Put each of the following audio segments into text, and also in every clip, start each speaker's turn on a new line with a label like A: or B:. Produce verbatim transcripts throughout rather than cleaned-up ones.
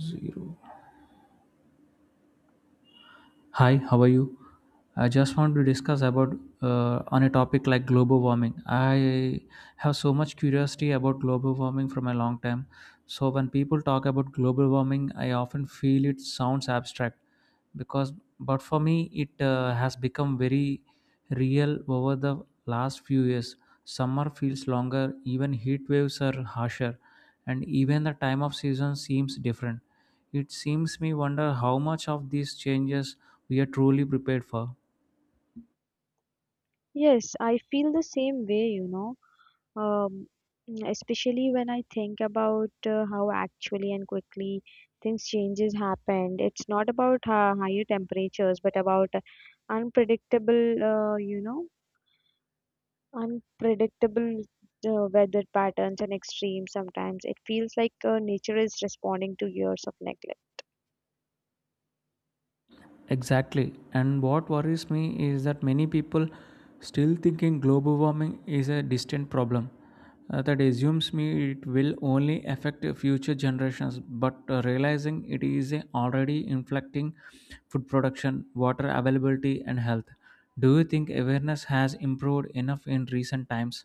A: Zero. Hi, how are you? I just want to discuss about uh, on a topic like global warming. I have so much curiosity about global warming from a long time. So when people talk about global warming, I often feel it sounds abstract because but for me it uh, has become very real over the last few years. Summer feels longer, even heat waves are harsher, and even the time of season seems different it seems me wonder how much of these changes we are truly prepared for.
B: Yes, I feel the same way, you know, um, mm, especially when I think about uh, how actually and quickly things changes happened. It's not about uh, higher temperatures, but about uh, unpredictable, uh, you know, unpredictable uh, weather patterns and extremes sometimes. It feels like uh, nature is responding to years of neglect.
A: Exactly. And what worries me is that many people still thinking global warming is a distant problem. Uh, that assumes me it will only affect future generations, but uh, realizing it is uh, already inflicting food production, water availability, and health. Do you think awareness has improved enough in recent times?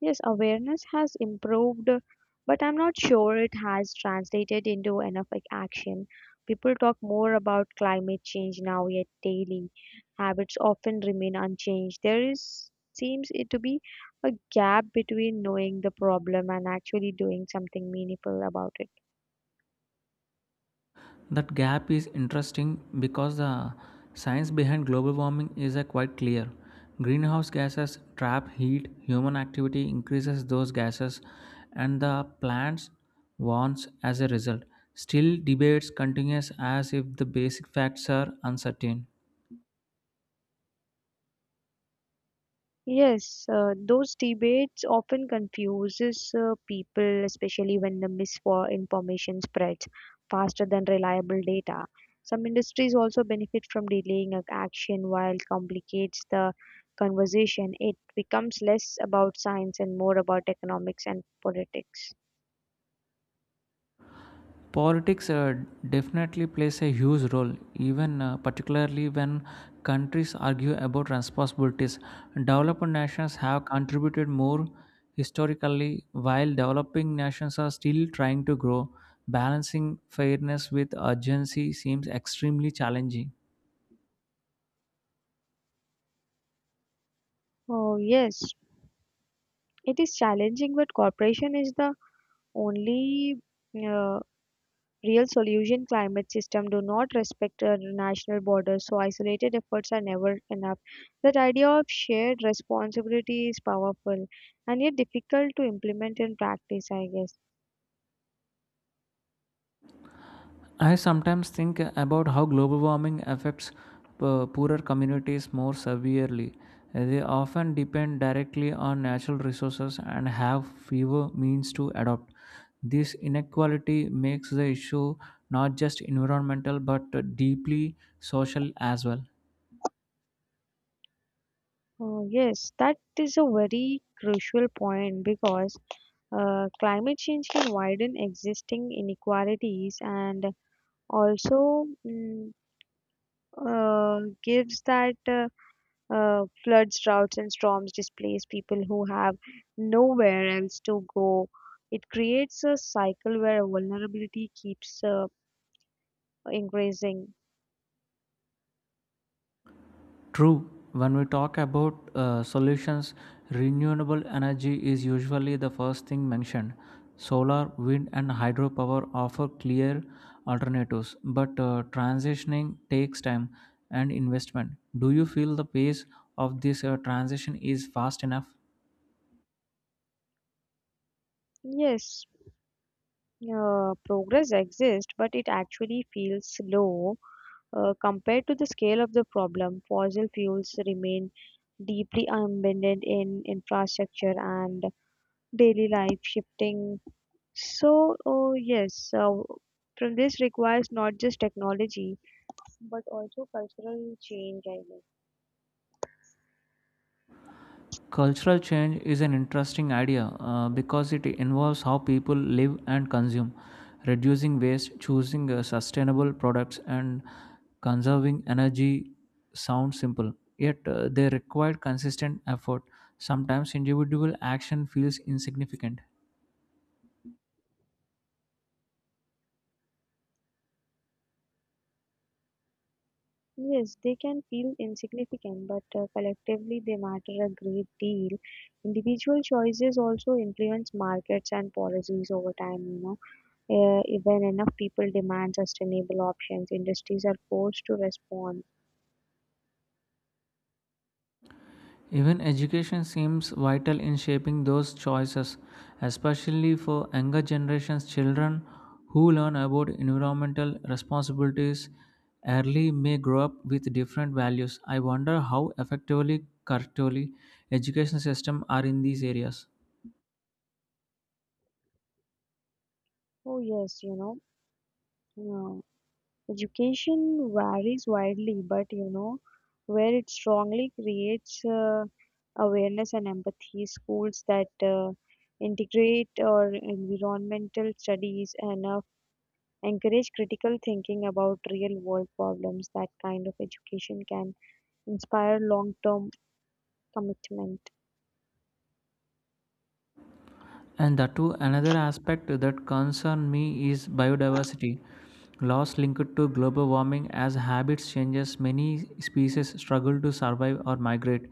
B: Yes, awareness has improved, but I'm not sure it has translated into enough like, action. People talk more about climate change now, yet daily habits often remain unchanged. There is seems it to be a gap between knowing the problem and actually doing something meaningful about it.
A: That gap is interesting because the science behind global warming is uh, quite clear. Greenhouse gases trap heat, human activity increases those gases, and the plants warms as a result. Still, debates continues as if the basic facts are uncertain.
B: Yes, uh, those debates often confuses uh, people, especially when the misinformation spreads faster than reliable data. Some industries also benefit from delaying ac- action while complicates the conversation. It becomes less about science and more about economics and politics.
A: Politics uh, definitely plays a huge role, even uh, particularly when countries argue about responsibilities, developed nations have contributed more historically while developing nations are still trying to grow, balancing fairness with urgency seems extremely challenging.
B: Oh yes, it is challenging, but cooperation is the only uh, Real solution climate system do not respect uh, national borders, so isolated efforts are never enough. That idea of shared responsibility is powerful and yet difficult to implement in practice, I guess.
A: I sometimes think about how global warming affects uh, poorer communities more severely. They often depend directly on natural resources and have fewer means to adopt. This inequality makes the issue not just environmental but deeply social as well.
B: Oh, yes, that is a very crucial point because uh, climate change can widen existing inequalities and also mm, uh, gives that uh, Uh, floods, droughts, and storms displace people who have nowhere else to go. It creates a cycle where vulnerability keeps uh, increasing.
A: True. When we talk about uh, solutions, renewable energy is usually the first thing mentioned. Solar, wind, and hydropower offer clear alternatives, but uh, transitioning takes time and investment. Do you feel the pace of this uh, transition is fast enough?
B: Yes, uh, progress exists, but it actually feels slow uh, compared to the scale of the problem. Fossil fuels remain deeply embedded in infrastructure and daily life, shifting. So, oh, yes, uh, from this requires not just technology but also cultural change, I guess.
A: Cultural change is an interesting idea uh, because it involves how people live and consume, reducing waste, choosing uh, sustainable products, and conserving energy. Sound simple, yet uh, they require consistent effort. Sometimes individual action feels insignificant.
B: Yes, they can feel insignificant, but uh, collectively they matter a great deal. Individual choices also influence markets and policies over time, you know. Uh, when enough people demand sustainable options, industries are forced to respond.
A: Even education seems vital in shaping those choices, especially for younger generations children who learn about environmental responsibilities early may grow up with different values. I wonder how effectively currently education systems are in these areas.
B: Oh, yes, you know. Education varies widely, but you know, where it strongly creates uh, awareness and empathy, schools that uh, integrate or environmental studies and uh, encourage critical thinking about real world problems, that kind of education can inspire long term commitment.
A: And that too, another aspect that concerns me is biodiversity. Loss linked to global warming as habits changes, many species struggle to survive or migrate.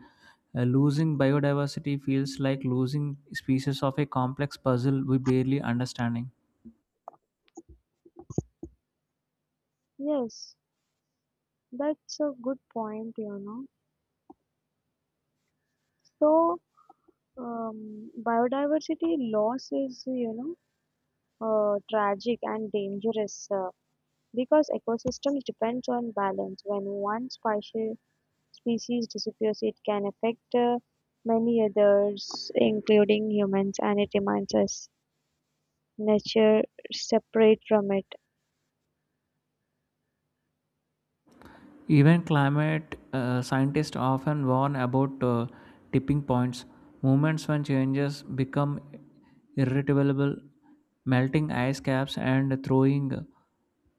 A: Uh, losing biodiversity feels like losing pieces of a complex puzzle we barely understanding.
B: Yes, that's a good point, you know. So, um, Biodiversity loss is, you know, uh, tragic and dangerous. Uh, Because ecosystems depend on balance, when one speci- species disappears it can affect uh, many others including humans and it reminds us nature separate from it.
A: Even climate uh, scientists often warn about uh, tipping points, moments when changes become irretrievable, melting ice caps and throwing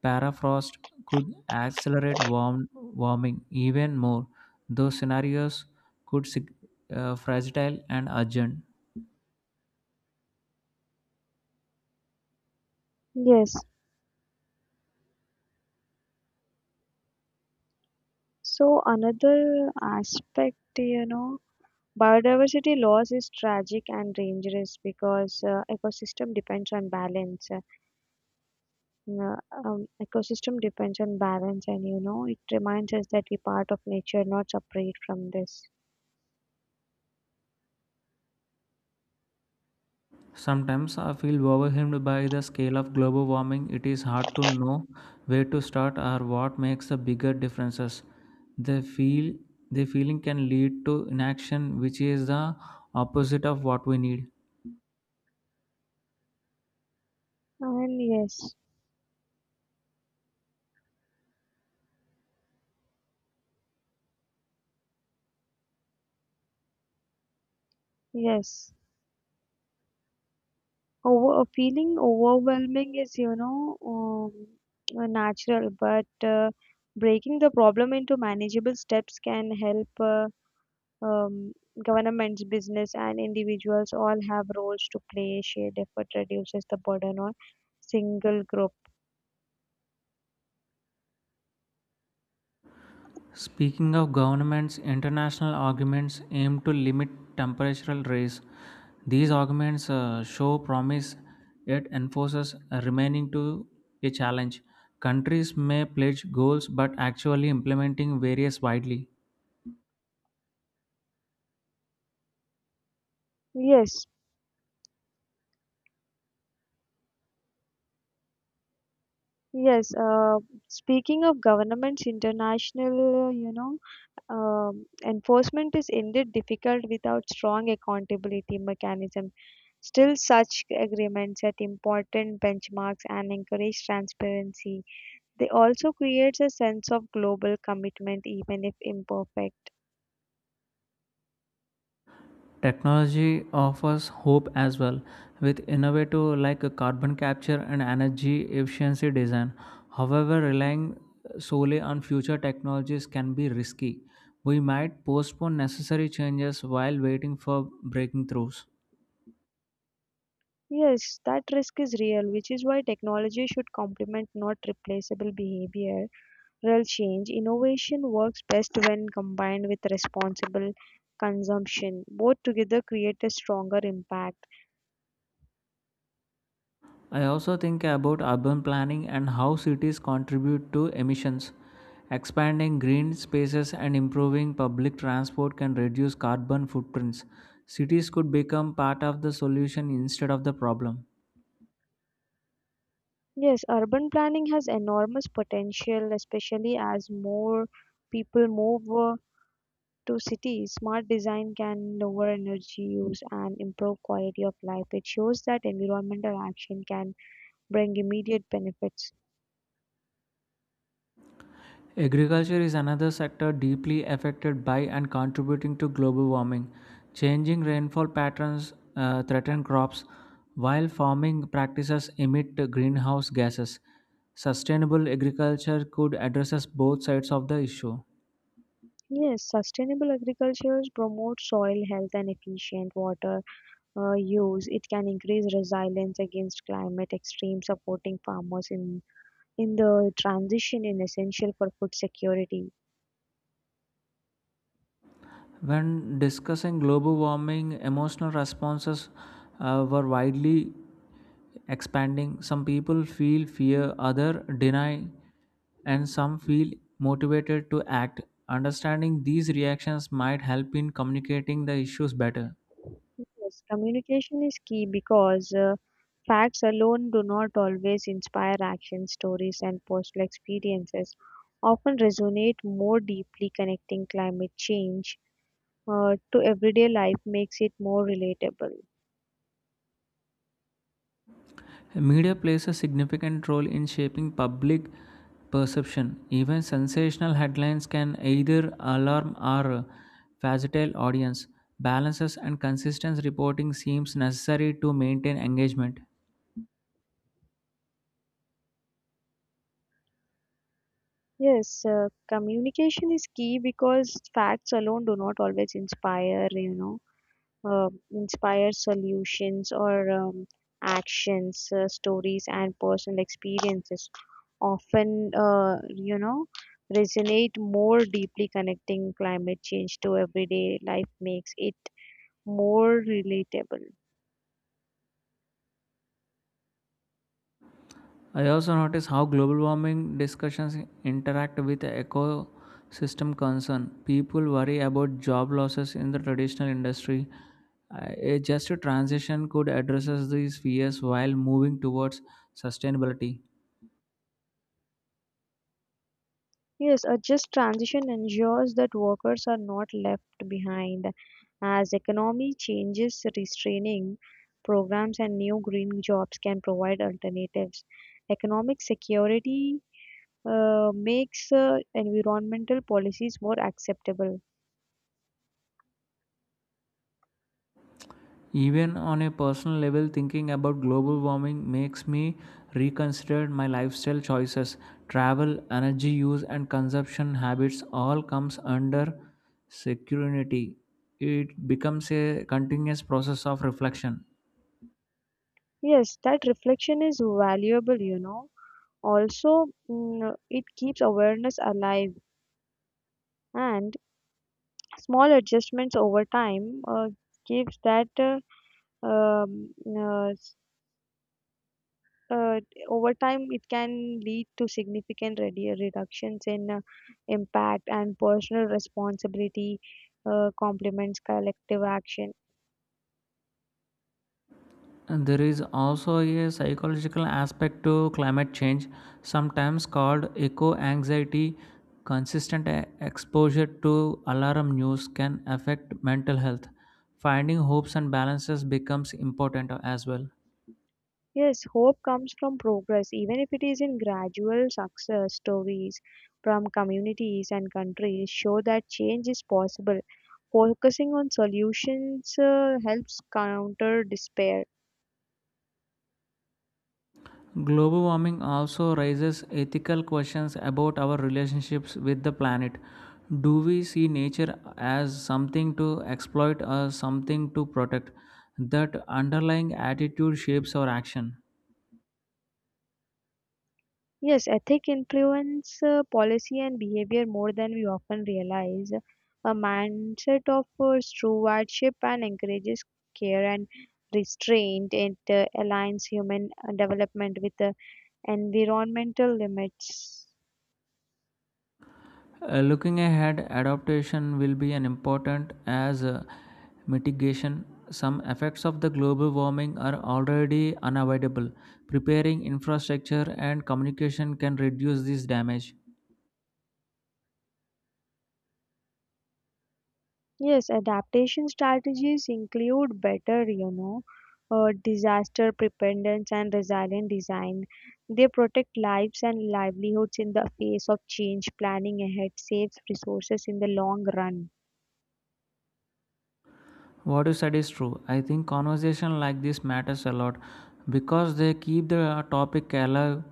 A: permafrost could accelerate warm, warming even more. Those scenarios could sig- uh, fragile and urgent.
B: Yes. So another aspect, you know, biodiversity loss is tragic and dangerous because uh, ecosystem depends on balance. Uh, um, Ecosystem depends on balance, and you know, it reminds us that we part of nature, not separate from this.
A: Sometimes I feel overwhelmed by the scale of global warming. It is hard to know where to start or what makes the bigger differences. The feel the feeling can lead to inaction, which is the opposite of what we need.
B: And yes, yes. Over uh, Feeling overwhelming is, you know, um, uh, natural, but uh, breaking the problem into manageable steps can help uh, um, governments, business, and individuals all have roles to play. Shared effort reduces the burden on single group.
A: Speaking of governments, international arguments aim to limit temperatural rise. These arguments uh, show promise yet enforces remaining to a challenge. Countries may pledge goals but actually implementing varies widely.
B: Yes, Yes, uh, speaking of governments, international, you know, um, enforcement is indeed difficult without strong accountability mechanism. Still, such agreements set important benchmarks and encourage transparency. They also create a sense of global commitment, even if imperfect.
A: Technology offers hope as well with innovative like carbon capture and energy efficiency design. However, relying solely on future technologies can be risky. We might postpone necessary changes while waiting for breakthroughs.
B: Yes, that risk is real, which is why technology should complement not replaceable behavior. Real change, innovation works best when combined with responsible consumption. Both together create a stronger impact.
A: I also think about urban planning and how cities contribute to emissions. Expanding green spaces and improving public transport can reduce carbon footprints. Cities could become part of the solution instead of the problem.
B: Yes, urban planning has enormous potential, especially as more people move uh, to cities. Smart design can lower energy use and improve quality of life. It shows that environmental action can bring immediate benefits.
A: Agriculture is another sector deeply affected by and contributing to global warming. Changing rainfall patterns uh, threaten crops, while farming practices emit greenhouse gases. Sustainable agriculture could address both sides of the issue.
B: Yes, sustainable agriculture promotes soil health and efficient water uh, use, it can increase resilience against climate extremes, supporting farmers in, in the transition In essential for food security.
A: When discussing global warming, emotional responses uh, were widely expanding. Some people feel fear, others deny, and some feel motivated to act. Understanding these reactions might help in communicating the issues better.
B: Yes, communication is key because uh, facts alone do not always inspire action. Stories and personal experiences often resonate more deeply, connecting climate change uh, to everyday life makes it more relatable.
A: Media plays a significant role in shaping public perception. Even sensational headlines can either alarm or facilitate audience. Balances and consistent reporting seems necessary to maintain engagement.
B: Yes, uh, communication is key because facts alone do not always inspire, you know. Uh, inspire solutions or um, actions, uh, stories, and personal experiences often, uh, you know, resonate more deeply connecting climate change to everyday life makes it more relatable.
A: I also notice how global warming discussions interact with ecosystem concern. People worry about job losses in the traditional industry. Uh, A just transition could address these fears while moving towards sustainability.
B: Yes, a just transition ensures that workers are not left behind as economy changes restraining programs and new green jobs can provide alternatives. Economic security uh, makes uh, environmental policies more acceptable.
A: Even on a personal level, thinking about global warming makes me reconsider my lifestyle choices. Travel, energy use, and consumption habits all comes under security. It becomes a continuous process of reflection.
B: Yes, that reflection is valuable, you know. Also, mm, it keeps awareness alive, and small adjustments over time uh, gives that uh, um, uh, s- uh, over time it can lead to significant redu- reductions in uh, impact and personal responsibility uh, complements collective action.
A: And there is also a psychological aspect to climate change, sometimes called eco anxiety. Consistent e- exposure to alarm news can affect mental health. Finding hopes and balances becomes important as well.
B: Yes, hope comes from progress, even if it is in gradual success stories from communities and countries show that change is possible. Focusing on solutions uh, helps counter despair.
A: Global warming also raises ethical questions about our relationships with the planet. Do we see nature as something to exploit or something to protect? That underlying attitude shapes our action.
B: Yes, ethic influence uh, policy and behavior more than we often realize. A mindset of uh, true and encourages care and restraint. It uh, aligns human uh, development with uh, environmental limits.
A: Uh, looking ahead, adaptation will be an important as uh, mitigation. Some effects of the global warming are already unavoidable. Preparing infrastructure and communication can reduce this damage.
B: Yes, adaptation strategies include better, you know, uh, disaster preparedness and resilient design. They protect lives and livelihoods in the face of change, planning ahead saves resources in the long run.
A: What you said is true. I think conversation like this matters a lot because they keep the topic alive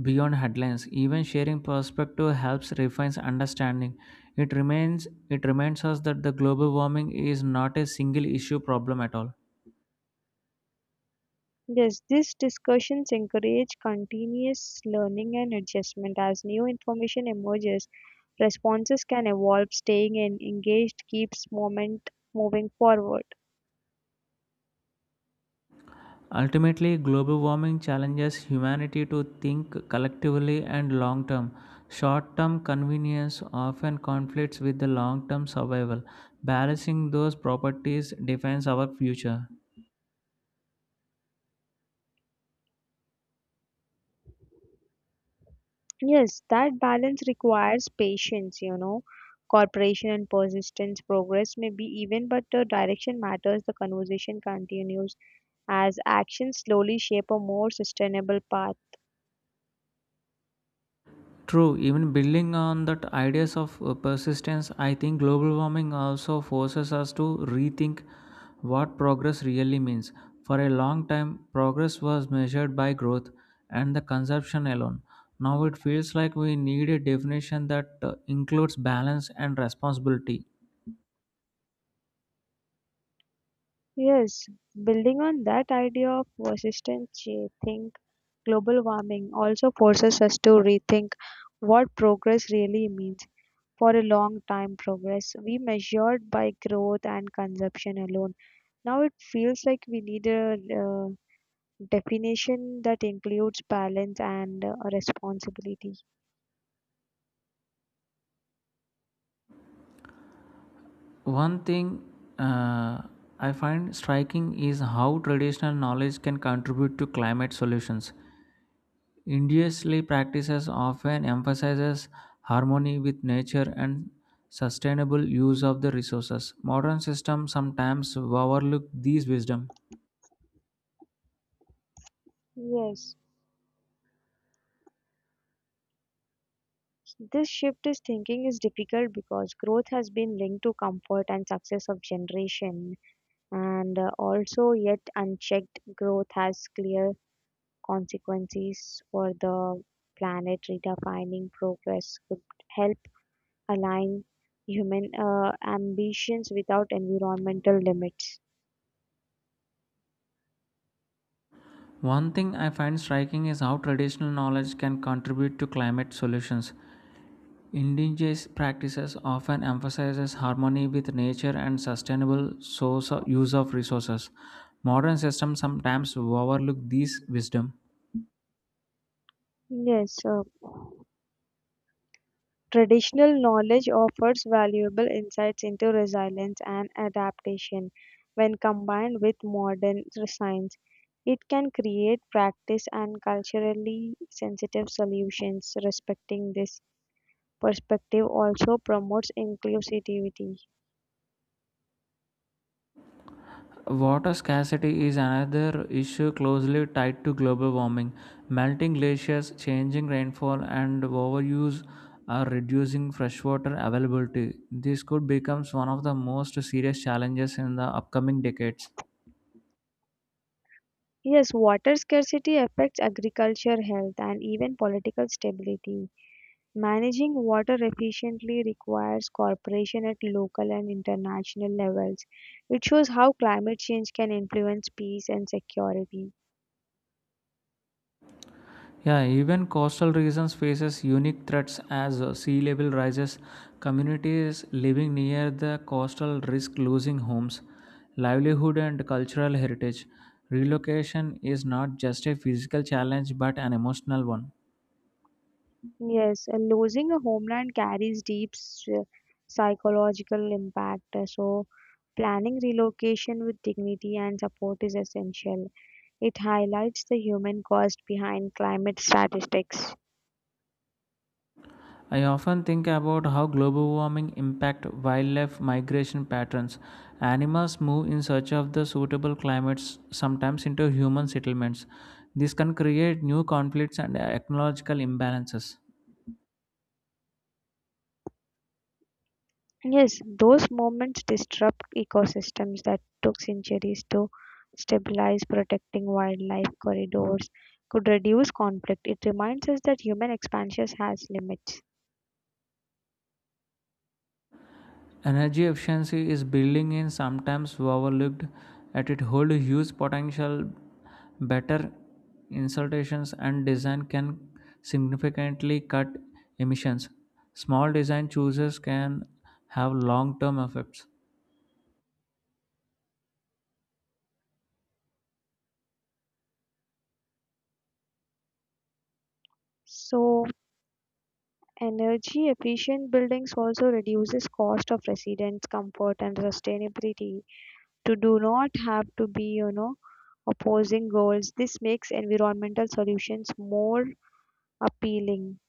A: beyond headlines. Even sharing perspective helps refines understanding. It remains it reminds us that the global warming is not a single issue problem at all.
B: Yes, these discussions encourage continuous learning and adjustment. As new information emerges, responses can evolve. Staying en- engaged keeps moment moving forward.
A: Ultimately, global warming challenges humanity to think collectively and long term. Short term convenience often conflicts with the long term survival. Balancing those properties defines our future.
B: Yes, that balance requires patience, you know, cooperation and persistence, progress may be even, but the direction matters. The conversation continues as actions slowly shape a more sustainable path.
A: True, even building on that ideas of uh, persistence, I think global warming also forces us to rethink what progress really means. For a long time, progress was measured by growth and the consumption alone. Now it feels like we need a definition that uh, includes balance and responsibility.
B: Yes, building on that idea of persistence, I think global warming also forces us to rethink what progress really means. For a long time, progress we measured by growth and consumption alone. Now it feels like we need a uh, definition that includes balance and uh, responsibility.
A: One thing uh, I find striking is how traditional knowledge can contribute to climate solutions. Industrial practices often emphasizes harmony with nature and sustainable use of the resources. Modern systems sometimes overlook these wisdom.
B: Yes, this shift is thinking is difficult because growth has been linked to comfort and success of generation, and uh, also yet unchecked growth has clear consequences for the planet. Redefining progress could help align human uh, ambitions without environmental limits.
A: One thing I find striking is how traditional knowledge can contribute to climate solutions. Indigenous practices often emphasizes harmony with nature and sustainable source use of resources. Modern systems sometimes overlook these wisdom.
B: Yes, uh, traditional knowledge offers valuable insights into resilience and adaptation. When combined with modern science, it can create practice and culturally sensitive solutions. Respecting this perspective also promotes inclusivity.
A: Water scarcity is another issue closely tied to global warming. Melting glaciers, changing rainfall, and overuse are reducing freshwater availability. This could become one of the most serious challenges in the upcoming decades.
B: Yes, water scarcity affects agriculture, health, and even political stability. Managing water efficiently requires cooperation at local and international levels. It shows how climate change can influence peace and security.
A: Yeah, even coastal regions faces unique threats as uh, sea level rises. Communities living near the coastal risk losing homes, livelihood and cultural heritage. Relocation is not just a physical challenge but an emotional one.
B: Yes, uh, losing a homeland carries deep s- psychological impact, uh, so planning relocation with dignity and support is essential. It highlights the human cost behind climate statistics.
A: I often think about how global warming impact wildlife migration patterns. Animals move in search of the suitable climates, sometimes into human settlements. This can create new conflicts and ecological imbalances.
B: Yes, those moments disrupt ecosystems that took centuries to stabilize. Protecting wildlife corridors could reduce conflict. It reminds us that human expansion has limits.
A: Energy efficiency is building in sometimes overlooked at it hold huge potential better installations and design can significantly cut emissions. Small design choices can have long term effects.
B: So, energy efficient buildings also reduces cost of residents, comfort and sustainability. To do not have to be, you know, opposing goals. This makes environmental solutions more appealing.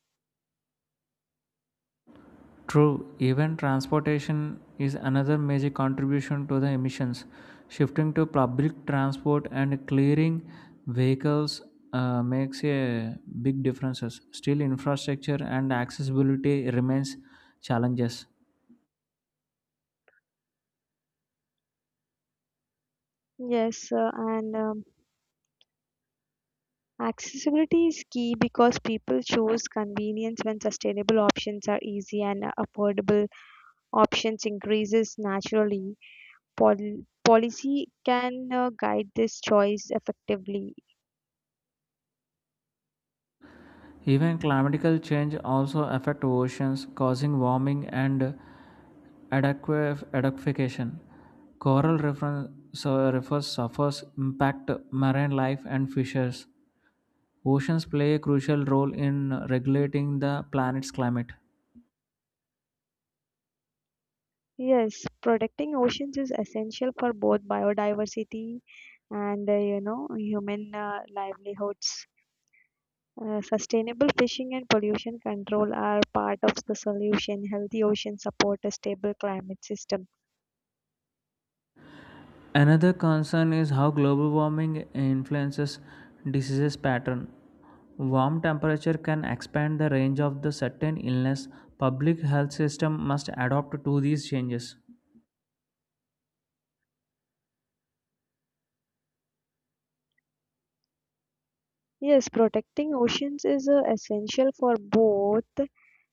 A: True, even transportation is another major contribution to the emissions. Shifting to public transport and clearing vehicles uh, makes a big differences. Still, infrastructure and accessibility remains challenges.
B: Yes, uh, and um, accessibility is key because people choose convenience when sustainable options are easy and uh, affordable options increases naturally. Pol- policy can uh, guide this choice effectively.
A: Even climatical change also affect oceans, causing warming and adequa- adequation. Coral refer- so- refers suffers impact marine life and fishes. Oceans play a crucial role in regulating the planet's climate.
B: Yes, protecting oceans is essential for both biodiversity and uh, you know human uh, livelihoods. Uh, sustainable fishing and pollution control are part of the solution. Healthy oceans support a stable climate system.
A: Another concern is how global warming influences diseases pattern. Warm temperature can expand the range of the certain illness. Public health system must adapt to these changes.
B: Yes, protecting oceans is uh, essential for both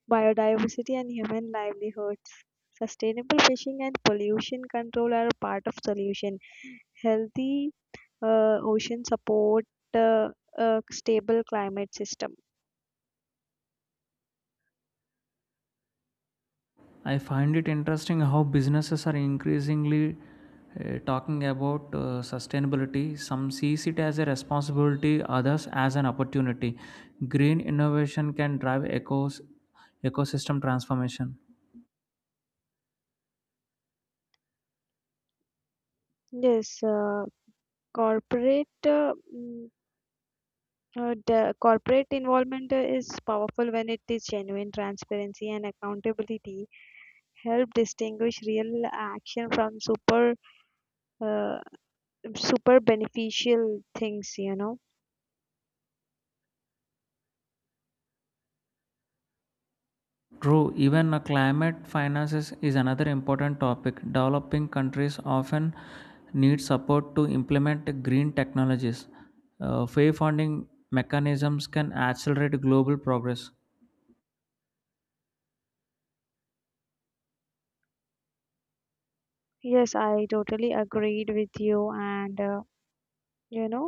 B: biodiversity and human livelihoods. Sustainable fishing and pollution control are part of solution. Healthy uh, ocean support uh, a stable climate system.
A: I find it interesting how businesses are increasingly uh, talking about uh, sustainability. Some see it as a responsibility, others as an opportunity. Green innovation can drive ecos- ecosystem transformation.
B: Yes, uh, corporate uh, mm, uh, the corporate involvement uh, is powerful when it is genuine transparency and accountability help distinguish real action from super uh, super beneficial things you know.
A: True, even uh, climate finances is another important topic. Developing countries often need support to implement green technologies. Uh, fair funding mechanisms can accelerate global progress.
B: Yes, I totally agreed with you, and uh, you know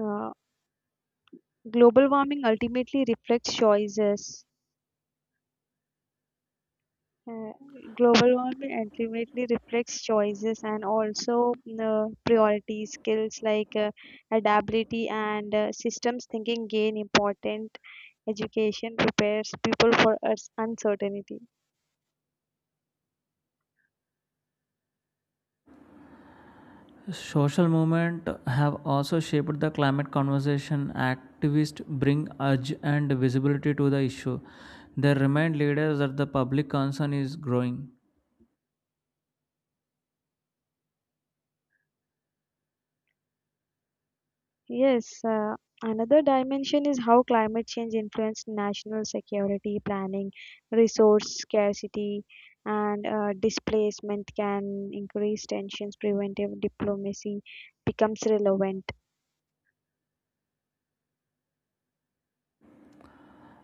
B: uh, global warming ultimately reflects choices. Uh, Global warming ultimately reflects choices and also mm, uh, priority skills like uh, adaptability and uh, systems thinking gain important education prepares people for us uncertainty.
A: Social movement have also shaped the climate conversation. Activists bring urge and visibility to the issue. They remind leaders that the public concern is growing.
B: Yes uh, another dimension is how climate change influences national security planning resource scarcity and uh, displacement can increase tensions preventive diplomacy becomes relevant.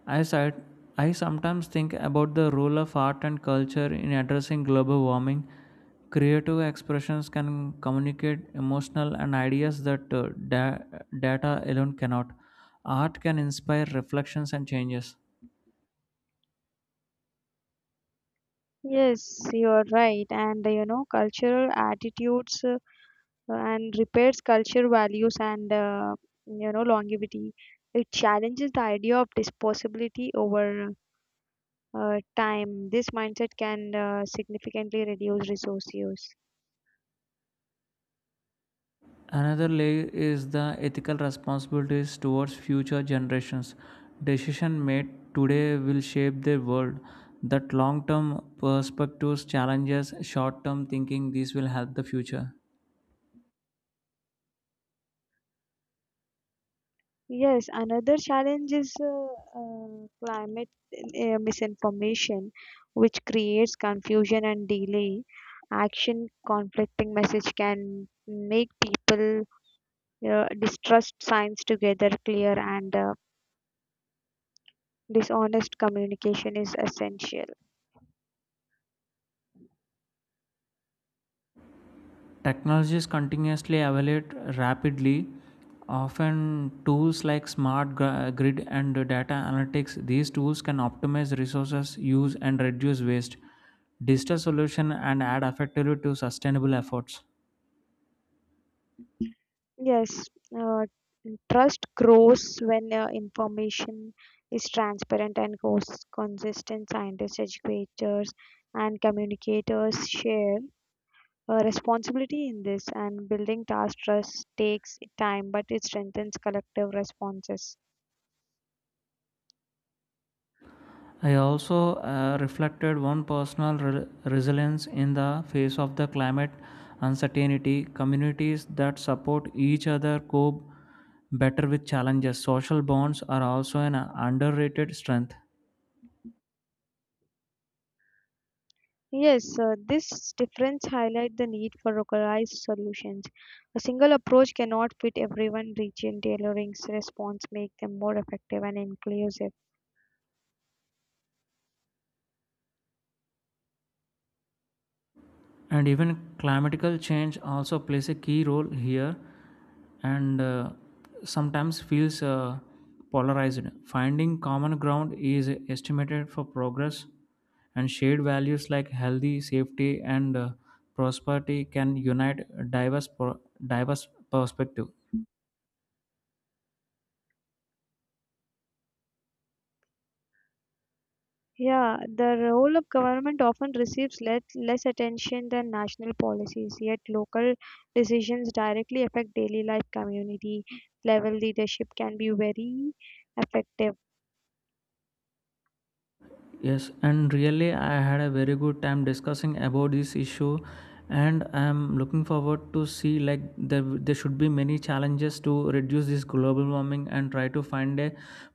A: I said, I sometimes think about the role of art and culture in addressing global warming. Creative expressions can communicate emotional and ideas that uh, da- data alone cannot. Art can inspire reflections and changes.
B: Yes, you're right. And uh, you know, cultural attitudes uh, and repairs culture values and uh, you know, longevity. It challenges the idea of disposability over uh, time. This mindset can uh, significantly reduce resource use.
A: Another layer is the ethical responsibilities towards future generations. Decision made today will shape their world. That long-term perspectives challenges short-term thinking. These will help the future.
B: Yes, another challenge is uh, uh, climate uh, misinformation, which creates confusion and delay. Action conflicting message can make people Uh, distrust signs together, clear and uh, dishonest communication is essential.
A: Technologies continuously evaluate rapidly, often tools like smart grid and data analytics. These tools can optimize resources use and reduce waste, digital solution and add effectively to sustainable efforts.
B: Yes, uh, trust grows when uh, information is transparent and goes consistent. Scientists, educators, and communicators share a responsibility in this, and building task trust takes time, but it strengthens collective responses.
A: I also uh, reflected one personal re- resilience in the face of the climate uncertainty. Communities that support each other cope better with challenges. Social bonds are also an underrated strength.
B: Yes, uh, this difference highlights the need for localized solutions. A single approach cannot fit everyone. Region tailoring's response make them more effective and inclusive.
A: And even climatical change also plays a key role here, and uh, sometimes feels uh, polarized, finding common ground is estimated for progress, and shared values like healthy safety and uh, prosperity can unite diverse pro- diverse perspective.
B: Yeah, the role of government often receives less, less attention than national policies, yet local decisions directly affect daily life. Community level leadership can be very effective.
A: Yes, and really, I had a very good time discussing about this issue, and I'm looking forward to see like there there should be many challenges to reduce this global warming and try to find a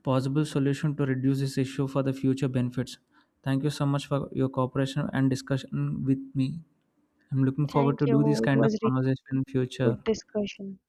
A: possible solution to reduce this issue for the future benefits. Thank you so much for your cooperation and discussion with me. I'm looking forward
B: Thank
A: to do this
B: you. It
A: kind of
B: was
A: conversation
B: really
A: in future.
B: good discussion.